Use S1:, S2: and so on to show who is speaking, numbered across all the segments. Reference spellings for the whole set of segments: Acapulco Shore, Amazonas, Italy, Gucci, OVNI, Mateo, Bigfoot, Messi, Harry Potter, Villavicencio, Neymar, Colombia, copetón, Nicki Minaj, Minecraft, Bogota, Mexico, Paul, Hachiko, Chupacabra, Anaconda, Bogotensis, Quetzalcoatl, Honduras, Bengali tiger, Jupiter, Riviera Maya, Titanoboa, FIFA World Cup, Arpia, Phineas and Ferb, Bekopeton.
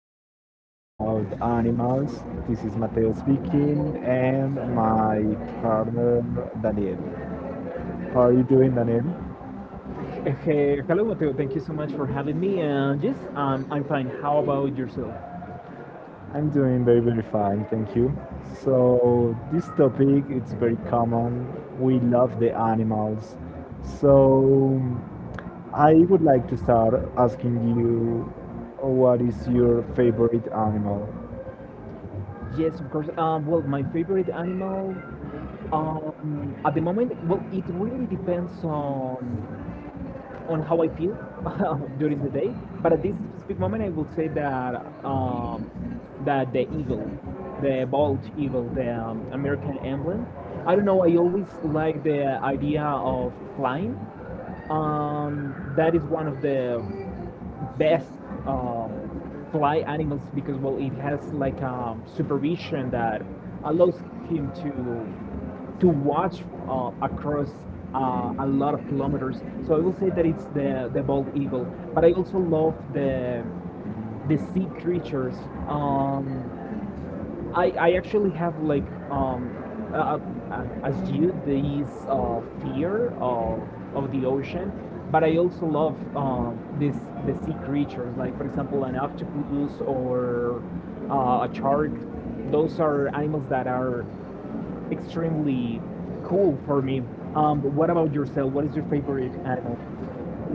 S1: podcast about animals. This is Mateo speaking and my partner Daniel. How are you doing, Daniel?
S2: Hey, hello Mateo, thank you so much for having me. Yes, I'm fine. How about yourself?
S1: I'm doing very, very fine, thank you. So this topic it's very common. We love the animals. So I would like to start asking you, what is your favorite animal?
S2: Yes, of course. Well, my favorite animal at the moment, well, it really depends on how I feel during the day. But at this specific moment, I would say that that the eagle, the bald eagle, the American emblem. I don't know. I always like the idea of flying. That is one of the best um, fly animals because, well, it has like a supervision that allows him to watch across a lot of kilometers. So I will say that it's the bald eagle, but I also love the sea creatures. Um, I actually have like uh, as you this fear of the ocean. But I also love this the sea creatures, like for example an octopus or a shark. Those are animals that are extremely cool for me. What about yourself? What is your favorite animal?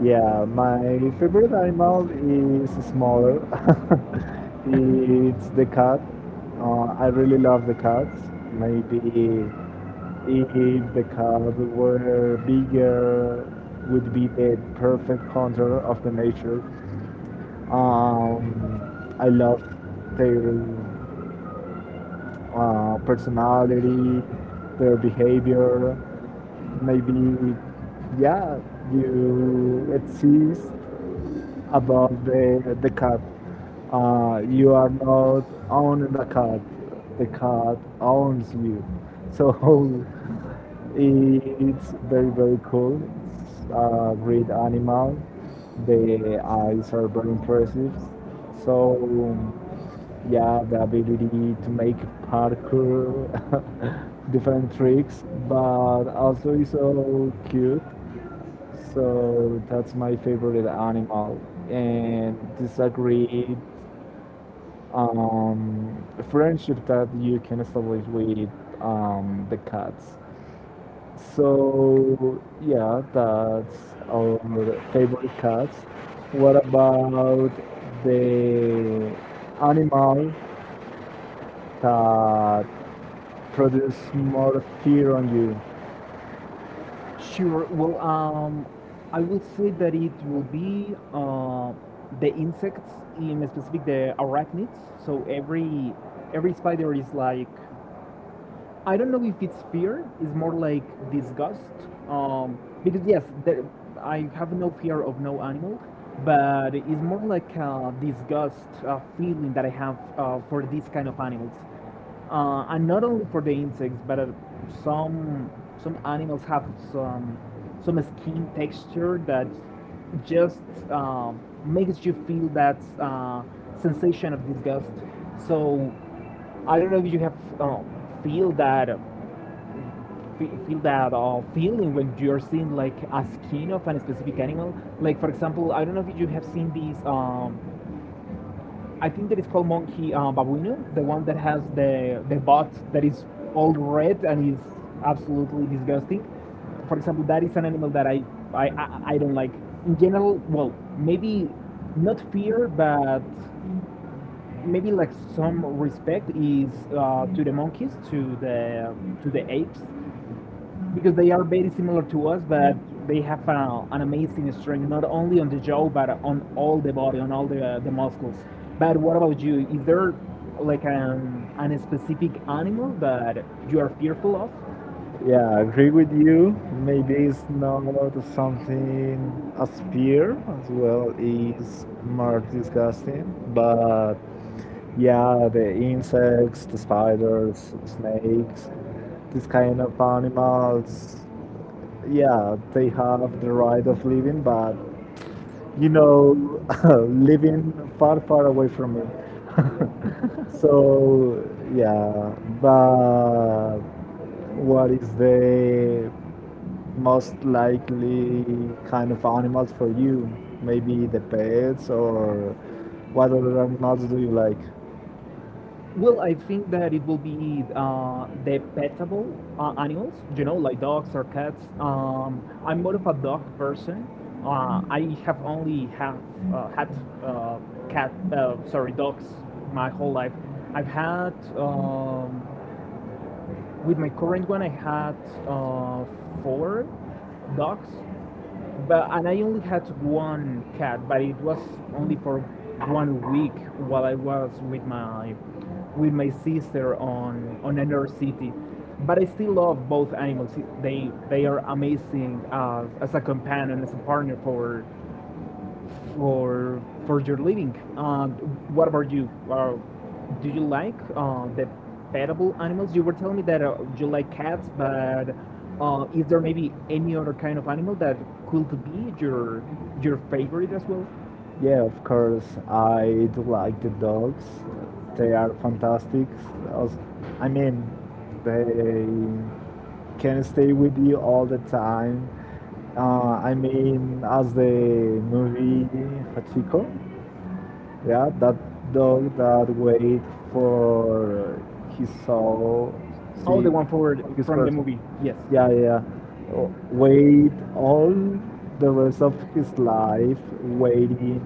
S1: Yeah, my favorite animal is smaller. It's the cat. I really love the cats. Maybe if the cat were bigger, would be the perfect hunter of the nature. Um, I love their personality, their behavior, maybe yeah,
S2: Let's
S1: you exist above the cat. You are not owning the cat, the cat owns you, so it's very, very cool. It's a great animal. The eyes are very impressive. So yeah, the ability to make parkour, different tricks, but also is so cute. So that's my favorite animal. And this a great friendship that you can establish with the cats. So yeah, that's our favorite cats. What about the animal that produce more fear on you?
S2: Sure. Well, I would say that it will be the insects, in specific the arachnids. So every spider is like, I don't know if it's fear. It's more like disgust. Um, because yes, there, I have no fear of no animal, but it's more like a disgust feeling that I have for these kind of animals, and not only for the insects, but some animals have some some skin texture that just makes you feel that sensation of disgust. So I don't know if you have um, feel that feel that feeling when you're seeing like a skin of a specific animal. Like for example, I don't know if you have seen these. I think that it's called monkey babuino, the one that has the butt that is all red and is absolutely disgusting. For example, that is an animal that I don't like. In general, well, maybe not fear, but maybe like some respect is to the monkeys, to the apes, because they are very similar to us, but they have an amazing strength not only on the jaw but on all the body, on all the muscles. But what about you? Is there like an specific animal that you are fearful of?
S1: Yeah, I agree with you. Maybe it's not something as fear as well, is more disgusting. But yeah, the insects, the spiders, snakes, this kind of animals, yeah, they have the right of living, but you know, living far, far away from me. So, yeah, but what is the most likely kind of animals for you? Maybe the pets or what other animals do you like?
S2: Well, I think that it will be the petable animals, you know, like dogs or cats. I'm more of a dog person. I have only have had uh, cat, sorry, dogs my whole life. I've had um, with my current one, I had uh, four dogs, but and I only had one cat, but it was only for one week while I was with my sister on another city. But I still love both animals. They are amazing as a companion, as a partner for or for your living. What about you? Do you like the petable animals? You were telling me that you like cats, but is there maybe any other kind of animal that could be your favorite as well?
S1: Yeah, of course. I do like the dogs. They are fantastic. Als- I mean, they can stay with you all the time. I mean, as the movie Hachiko, yeah, that dog that wait for his soul,
S2: Oh, the
S1: see
S2: one for
S1: his
S2: from the
S1: person.
S2: movie.
S1: Yeah,
S2: Yes.
S1: yeah. Yeah. Oh, wait all the rest of his life waiting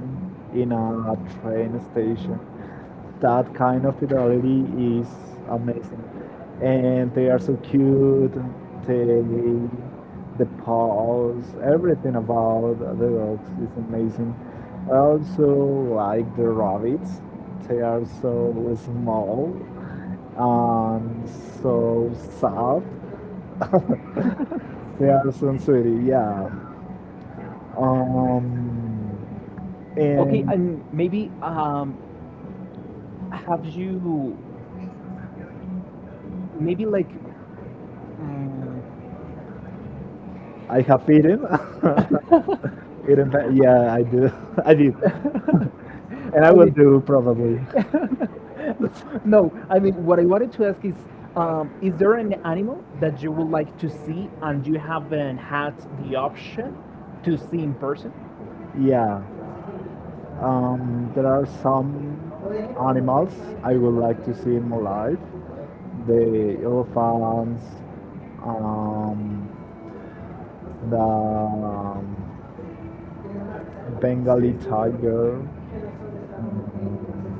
S1: in a train station. That kind of fidelity is amazing. And they are so cute. They, the paws, everything about the dogs is amazing. I also like the rabbits. They are so small and so soft. Thousand City, yeah. Um,
S2: Okay,
S1: and
S2: and maybe have you maybe like mm
S1: I have eaten.
S2: I
S1: Eaten, yeah, I do. I did, and I will
S2: mean,
S1: do probably.
S2: no, I mean, what I wanted to ask is there an animal that you would like to see and you haven't had the option to see in person?
S1: Yeah. There are some animals I would like to see in my life. The elephants, um, the Bengali tiger. Um,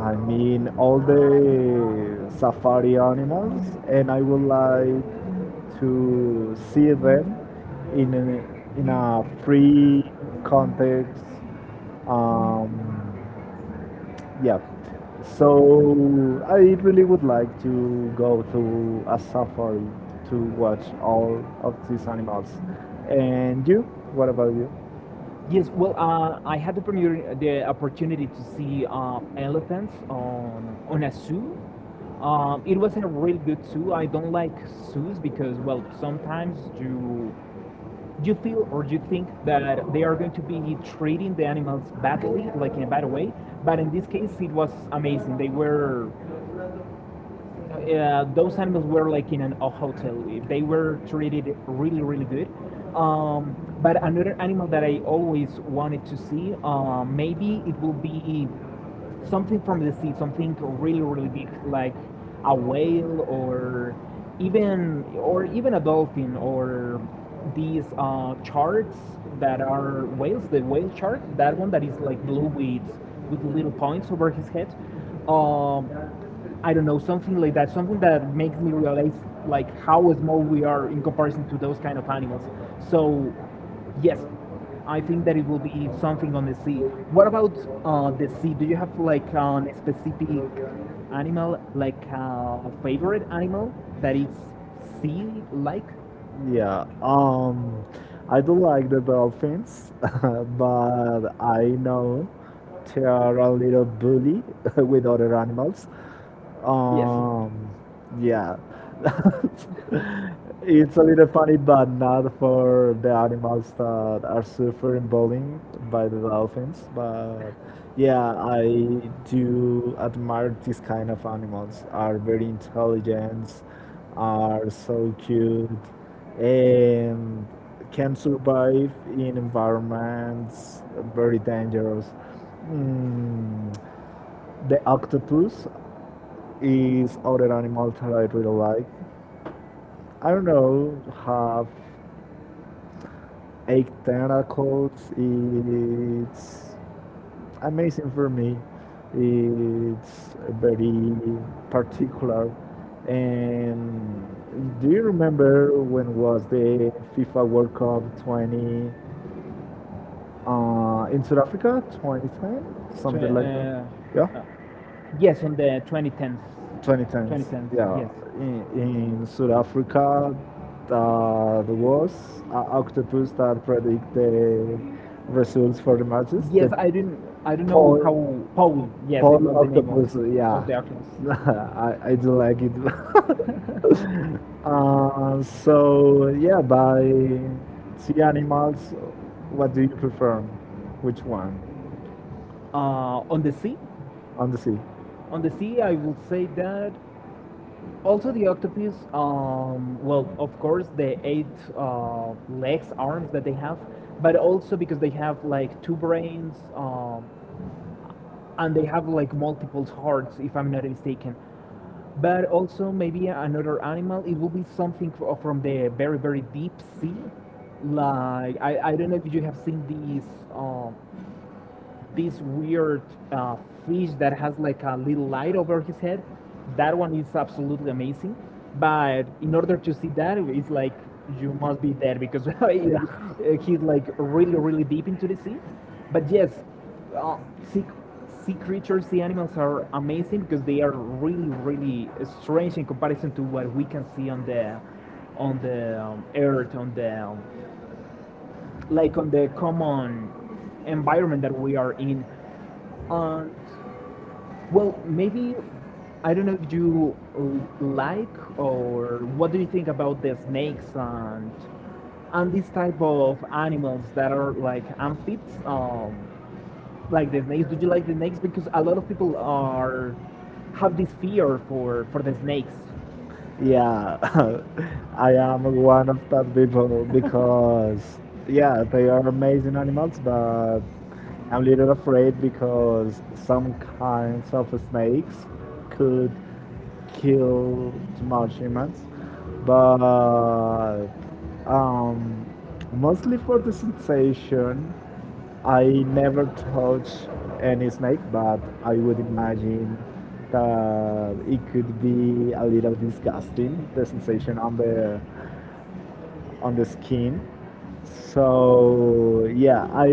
S1: I mean, all the safari animals, and I would like to see them in a free context. Um, yeah. So I really would like to go to a safari to watch all of these animals. And you? What about you?
S2: Yes, well, I had the opportunity to see elephants on a zoo. It was a really good zoo. I don't like zoos because, well, sometimes you do you feel or do you think that they are going to be treating the animals badly, like in a bad way? But in this case, it was amazing. They were, those animals were like in a hotel. They were treated really, really good. But another animal that I always wanted to see, maybe it will be something from the sea, something really, really big, like a whale or even a dolphin or these sharks that are whales, the whale shark, that one that is like blue with little points over his head. Um, I don't know, something like that, something that makes me realize like how small we are in comparison to those kind of animals. So, yes, I think that it will be something on the sea. What about the sea? Do you have like a specific animal, like a favorite animal that is sea-like?
S1: Yeah, I do like the dolphins, but I know they are a little bully with other animals. Yes.
S2: Yes.
S1: Yeah, it's a little funny, but not for the animals that are suffering bullying by the dolphins. But yeah, I do admire these kind of animals. Are very intelligent, are so cute and can survive in environments very dangerous. Mm, the octopus is other animal that I really like. I don't know, have eight tentacles. It's amazing for me. It's very particular. And do you remember when was the FIFA World Cup 20? In South Africa, 2010, something
S2: Stra-
S1: like that. Yeah,
S2: Uh, uh, Yes, on the 2010th.
S1: 2010.
S2: 2010th,
S1: Yeah,
S2: yes.
S1: in South Africa, there was an octopus that predict the results for the matches.
S2: Yes,
S1: Yes, the
S2: I didn't.
S1: I,
S2: I
S1: I
S2: don't
S1: don't know.
S2: know how.
S1: Paul,
S2: Paul.
S1: yeah.
S2: Yes, it was
S1: Paul
S2: the name
S1: octopus. Yeah,
S2: of the archivist.
S1: I do like it. So yeah, by sea animals, what do you prefer? Which one
S2: uh, on the sea,
S1: on the sea?
S2: on the sea, I will say that also, the octopus, well, of course, the eight legs, arms that they have, but also because they have like two brains and they have like multiple hearts, if I'm not mistaken. But also, maybe another animal, it will be something from the very, very deep sea. Like, I don't know if you have seen these. Um, this weird uh, fish that has like a little light over his head. That one is absolutely amazing. But in order to see that, it's like you must be there because it, he's like really, really deep into the sea. But yes, uh, sea, sea creatures, sea animals are amazing because they are really, really strange in comparison to what we can see on the earth, on the like on the common environment that we are in. Uh, well, maybe I don't know if you like or what do you think about the snakes and this type of animals that are like amphibs, like the snakes. Do you like the snakes? Because a lot of people are have this fear for the snakes.
S1: Yeah, I am one of that people because, yeah, they are amazing animals, but I'm a little afraid because some kinds of snakes could kill too much humans. But um, mostly for the sensation, I never touch any snake, but I would imagine that it could be a little disgusting, the sensation on the skin. So yeah, I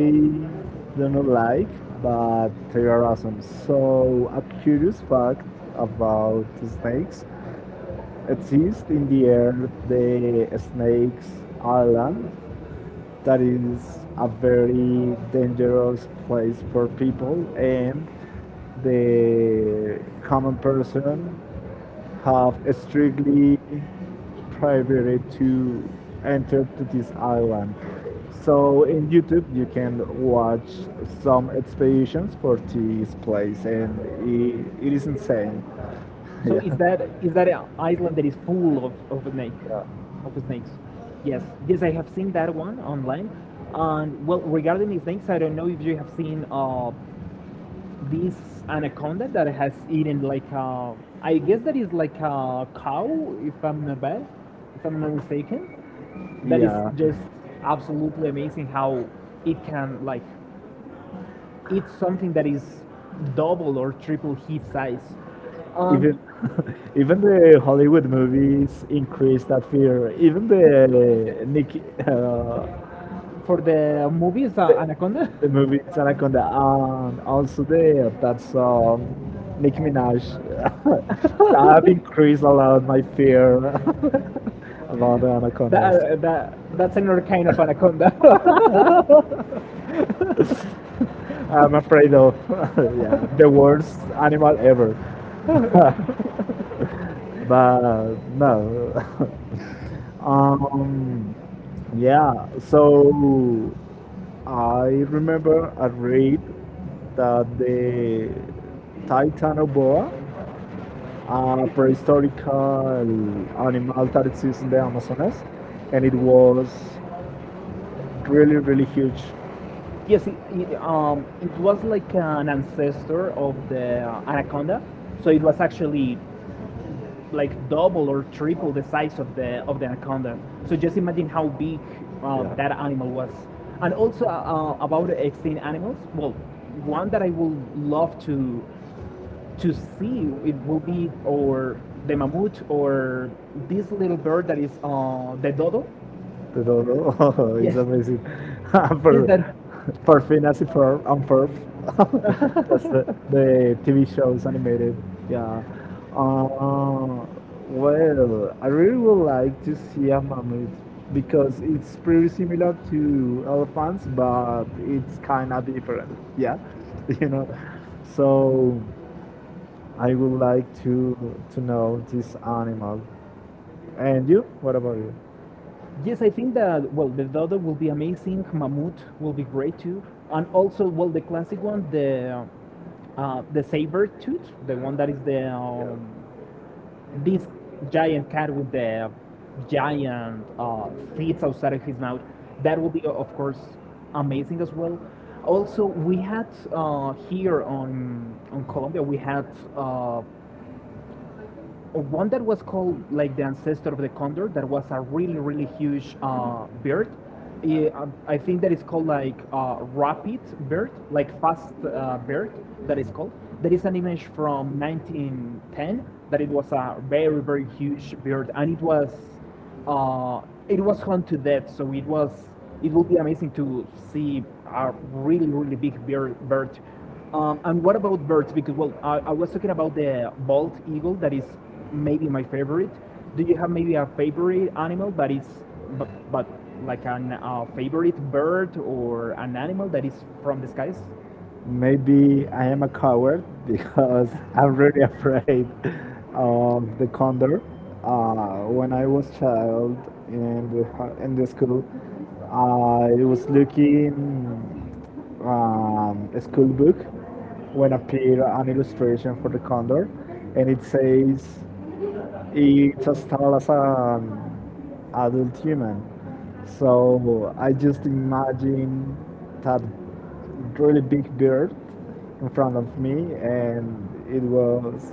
S1: don't like, but they are awesome. So a curious fact about snakes exists in the air, the snakes island that is a very dangerous place for people, and the common person have strictly prohibited to enter to this island, so in YouTube you can watch some expeditions for this place, and it is insane.
S2: So
S1: yeah
S2: is that an island that is full of
S1: yeah.
S2: of snakes? Yes, yes, I have seen that one online. And well, regarding the snakes, I don't know if you have seen this anaconda that has eaten like I guess that is like a cow, if I'm not bad, if I'm not mistaken. That is
S1: Yeah.
S2: just absolutely amazing how it can like eat something that is double or triple his size. And
S1: Even even the Hollywood movies increase that fear. Even the Nick,
S2: for the movies
S1: uh,
S2: Anaconda.
S1: The movie is Anaconda, and also there that song, Nicki Minaj. That increased a lot my fear about the
S2: That,
S1: anacondas.
S2: that's another kind of anaconda.
S1: I'm afraid of yeah, the worst animal ever. But no. Um, yeah, so I remember I read that the Titanoboa, a prehistoric animal that exists in the Amazonas, and it was really, really huge.
S2: Yes, it was like an ancestor of the anaconda, so it was actually like double or triple the size of the anaconda. So just imagine how big that
S1: Yeah.
S2: animal was. And also about extinct animals. Well, one that I would love to see it will be or the mammoth or this little bird that is the dodo.
S1: The dodo. Oh, it's
S2: Yes,
S1: amazing.
S2: yes, that
S1: for, for Phineas and Ferb. And Ferb. That's the TV shows animated.
S2: Yeah.
S1: Yeah. Uh, well, I really would like to see a mammoth because it's pretty similar to elephants, but it's kind of different. Yeah. You know.
S2: Yeah.
S1: So I would like to know this animal. And you? What about you?
S2: Yes, I think that well, the Dodo will be amazing. Mammut will be great too, and also, well, the classic one, the saber tooth, the one that is the
S1: Yeah.
S2: this giant cat with the giant teeth outside of his mouth. That will be, of course, amazing as well. Also, we had here on Colombia, we had uh, one that was called like the ancestor of the condor that was a really really huge bird. I think that is called like rapid bird, like fast bird, that is called, that is an image from 1910, that it was a very very huge bird and uh, it was hunted to death, so it was it will be amazing to see a really really big bird. And what about birds? Because well, I was talking about the bald eagle that is maybe my favorite. Do you have maybe a favorite animal that is but like a favorite bird or an animal that is from the skies?
S1: Maybe I am a coward because I'm really afraid of the condor. When I was child in the school, I was looking a school book when appeared an illustration for the condor, and it says it's as tall as an adult human. So I just imagine that really big bird in front of me, and it was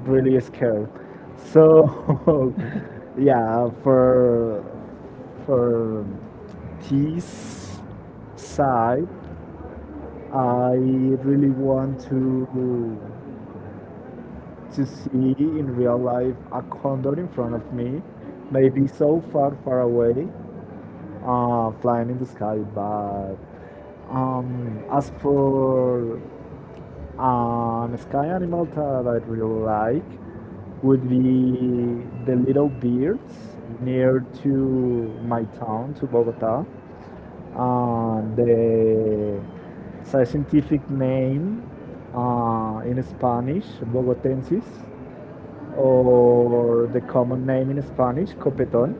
S1: really scared. So yeah, for this side, I really want to see in real life a condor in front of me, maybe so far, far away, flying in the sky. But as for an sky animal that I really like, would be the little birds near to my town, to Bogota. The scientific name in Spanish, Bogotensis, or the common name in Spanish, copetón.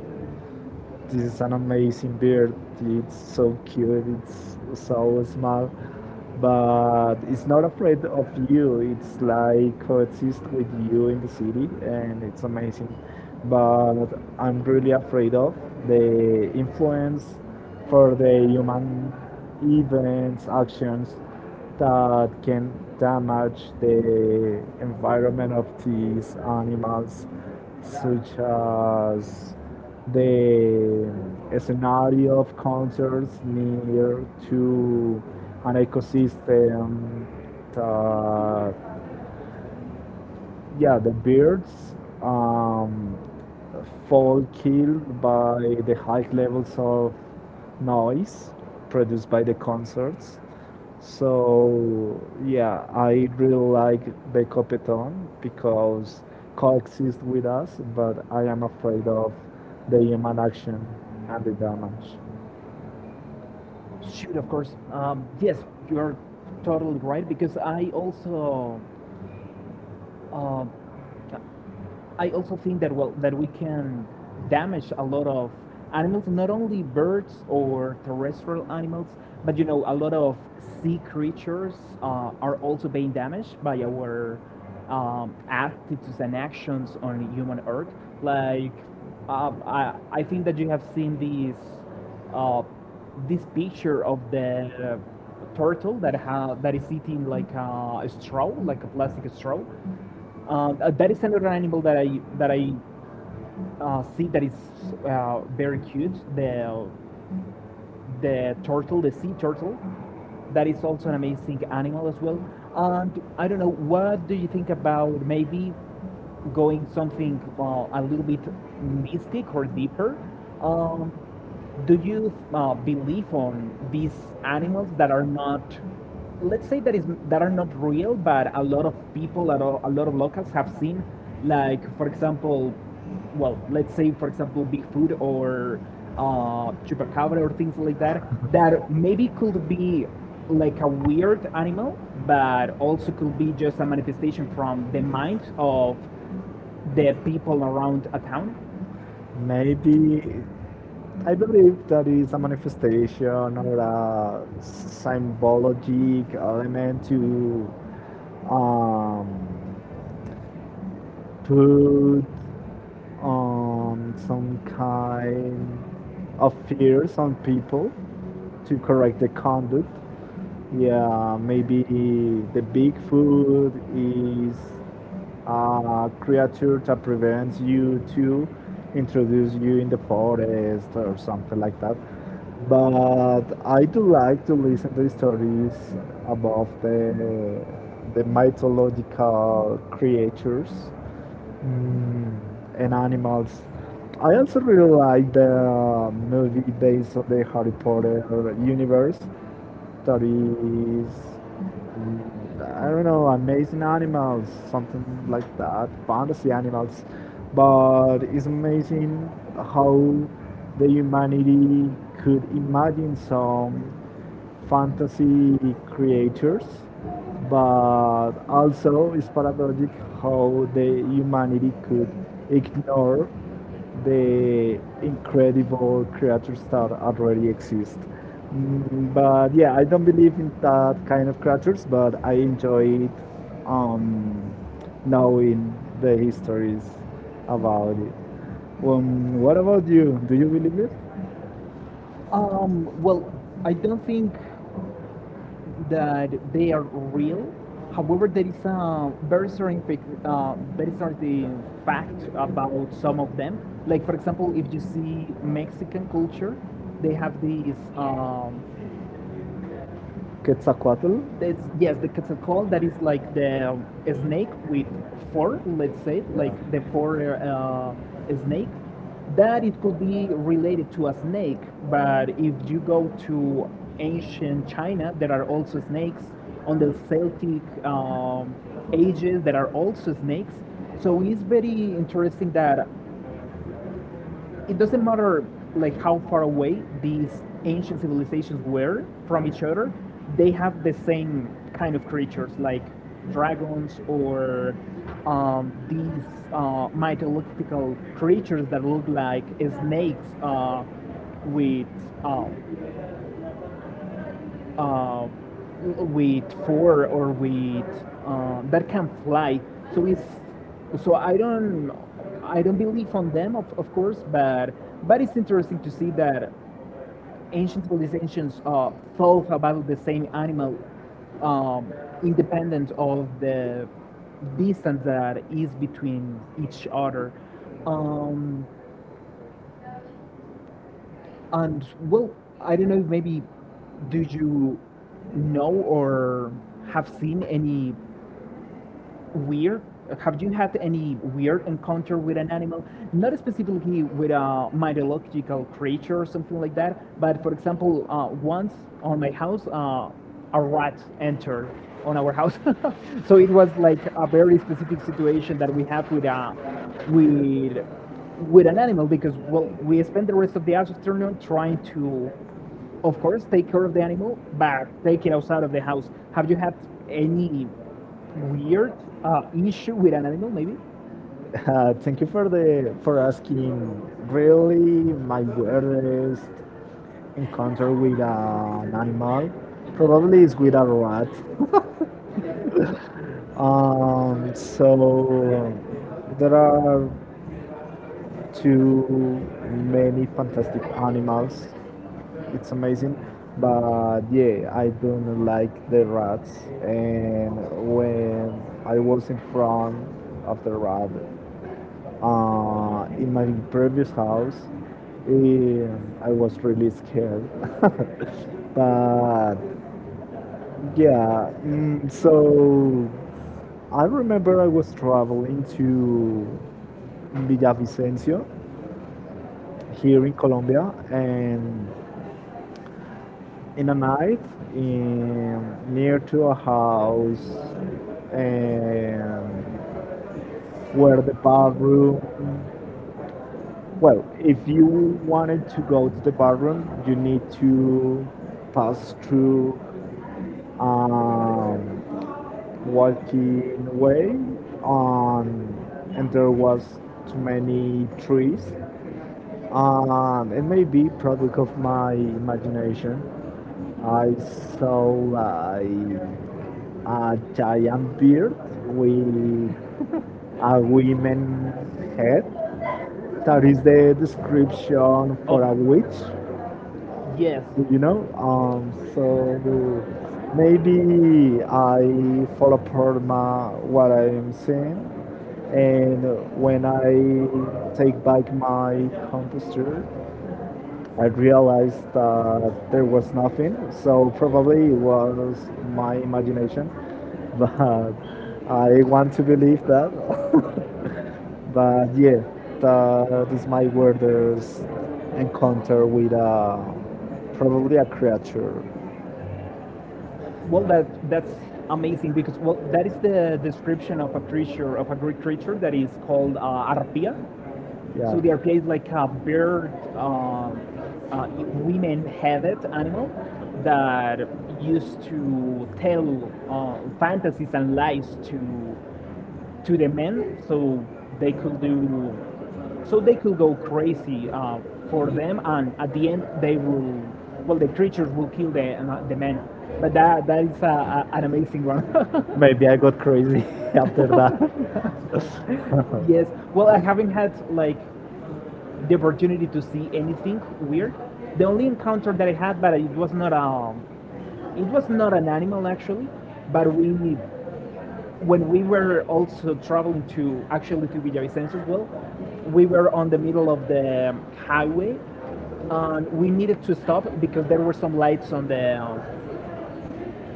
S1: This is an amazing bird. It's so cute. It's so small, but it's not afraid of you. It's like coexist with you in the city, and it's amazing. But I'm really afraid of the influence for the human events, actions that can damage the environment of these animals, such as the scenario of concerts near to an ecosystem that yeah, the birds um, fall killed by the high levels of noise produced by the concerts. So yeah, I really like Bekopeton because coexist with us, but I am afraid of the human action and the damage.
S2: Shoot, of course. Yes, you're totally right because uh, I also think that well that we can damage a lot of animals, not only birds or terrestrial animals, but you know a lot of sea creatures are also being damaged by our attitudes and actions on human Earth. Like I think that you have seen this uh, this picture of the turtle that that is eating like a straw, like a plastic straw, that is another animal that I see that is very cute. The turtle, the sea turtle. That is also an amazing animal as well. And I don't know, what do you think about maybe going something a little bit mystic or deeper? Um, do you believe on these animals that are not, let's say that are not real, but a lot of people, a lot of locals have seen, like for example, well, let's say for example Bigfoot or Chupacabra or things like that, that maybe could be like a weird animal, but also could be just a manifestation from the minds of the people around a town?
S1: Maybe I believe that is a manifestation or a symbologic element to um, put some kind of fears on people to correct the conduct. Yeah, maybe the Bigfoot is a creature that prevents you to introduce you in the forest or something like that. But I do like to listen to stories about the mythological creatures mm, and animals. I also really like the movie based on the Harry Potter universe that is I don't know, amazing animals, something like that, fantasy animals. But it's amazing how the humanity could imagine some fantasy creatures, but also it's paradoxic how the humanity could ignore the incredible creatures that already exist. But yeah, I don't believe in that kind of creatures, but I enjoyed um, knowing the histories about it. What about you? Do you believe it?
S2: Well, I don't think that they are real. However, there is a very certain fact about some of them. Like, for example, if you see Mexican culture, they have these
S1: Quetzalcoatl?
S2: it's, yes, the quetzalcoatl, that is like the snake with four, let's say, like the four snake. That it could be related to a snake, but if you go to ancient China, there are also
S1: Yeah.
S2: snakes. On the Celtic ages, there are also snakes. So it's very interesting that it doesn't matter like how far away these ancient civilizations were from each other, they have the same kind of creatures like dragons or these mythological creatures that look like snakes with uh, uh, with four or with that can fly. So it's so I don't I don't believe on them of course, but it's interesting to see that ancient civilizations thought about the same animal, um, independent of the distance that is between each other. Um, And well, I don't know if maybe do you know or have seen any weird? Have you had any weird encounter with an animal? Not specifically with a mythological creature or something like that, but for example, once on my house, a rat entered on our house. So it was like a very specific situation that we have with a with with an animal, because well, we spent the rest of the afternoon trying to, of course, take care of the animal but take it outside of the house. Have you had any weird uh, issue with an animal maybe?
S1: Thank you for the for asking. Really, my weirdest encounter with an animal. Probably it's with a rat. So there are too many fantastic animals. It's amazing, but yeah, I don't like the rats. And when I was in front of the rat in my previous house, I was really scared. But yeah, so I remember I was traveling to Villavicencio here in Colombia, and in a night in, near to a house and where the bathroom. Well, if you wanted to go to the bathroom, you need to pass through um, walking way, um, and there was too many trees, it may be product of my imagination. I saw like a giant beard with a woman head that is the description
S2: Of,
S1: for a witch.
S2: yes,
S1: You know, so maybe I follow apart my what I'm seeing, and when I take back my composter, I realized that there was nothing, so probably it was my imagination. But I want to believe that. But yeah, that is my weirdest encounter with a, probably a creature.
S2: well, that's amazing because well, that is the description of a creature, of a Greek creature that is called arpia. So
S1: Yeah.
S2: the RPA is like a bird. Uh, Women have it animal that used to tell fantasies and lies to the men, so they could do, so they could go crazy for them, and at the end they will, well, the creatures will kill the men. But that is an amazing one.
S1: Maybe I got crazy after that.
S2: Yes. Well, I haven't had like the opportunity to see anything weird. The only encounter that I had, but it was not a, it was not an animal actually, but we, when we were also traveling to, actually to Villavicencio as well, we were on the middle of the highway and we needed to stop because there were some lights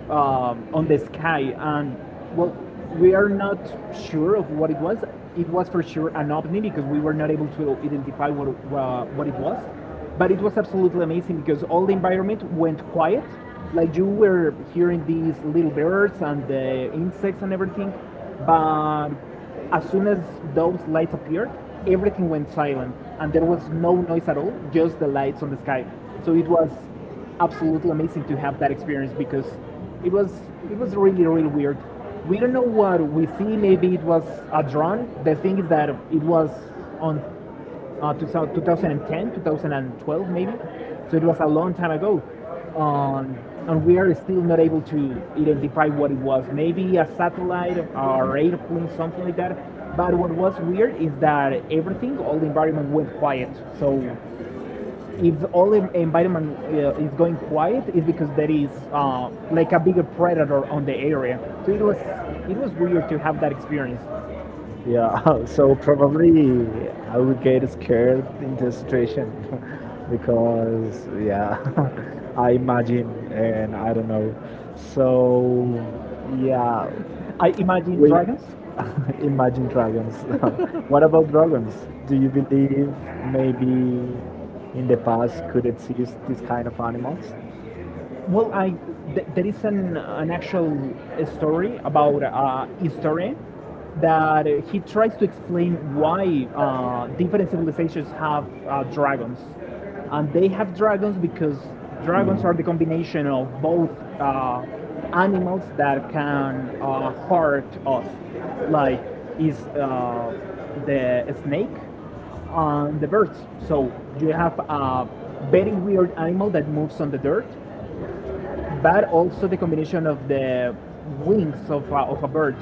S2: on the sky, and well, we are not sure of what it was. It was for sure an ovni because we were not able to identify what it was, but it was absolutely amazing because all the environment went quiet. Like you were hearing these little birds and the insects and everything, but as soon as those lights appeared, everything went silent and there was no noise at all, just the lights on the sky. So it was absolutely amazing to have that experience because it was, it was really really weird. We don't know what we see. Maybe it was a drone. The thing is that it was on 2000 2010, 2012 maybe, so it was a long time ago. Um, and we are still not able to identify what it was. Maybe a satellite or airplane, something like that. But what was weird is that everything, all the environment went quiet. So if all the environment is going quiet is because there is like a bigger predator on the area, so it was, it was weird to have that experience.
S1: Yeah, so probably I would get scared in the situation, because, yeah, I imagine and I don't know. So, yeah,
S2: I imagine
S1: we
S2: dragons.
S1: imagine dragons. What about dragons? Do you believe maybe in the past could exist these kind of animals?
S2: Well, I there is an actual story about a historian that he tries to explain why different civilizations have dragons, and they have dragons because dragons are the combination of both uh, animals that can hurt us, like is the snake and the birds. So you have a very weird animal that moves on the dirt, but also the combination of the wings of a bird.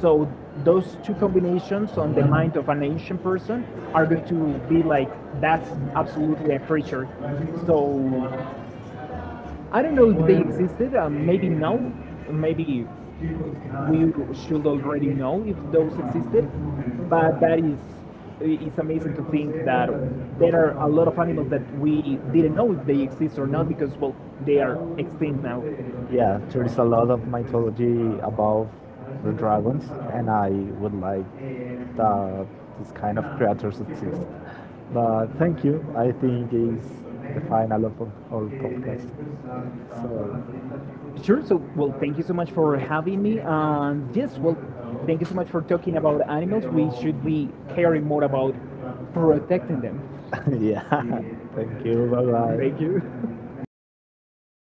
S2: So those two combinations on the mind of an ancient person are going to be like, that's absolutely a creature. So I don't know if they existed. Maybe no. Maybe we should already know if those existed. But that is, it's amazing to think that there are a lot of animals that we didn't know if they exist or not because well, they are extinct now.
S1: Yeah, there is a lot of mythology about the dragons, and I would like that this kind of creatures exist. But thank you. I think it's the final of our podcast. So,
S2: Sure. So, well, thank you so much for having me. And yes, well, thank you so much for talking about animals. We should be caring more about protecting them.
S1: yeah, thank you. Bye
S2: Thank
S1: bye.
S2: you.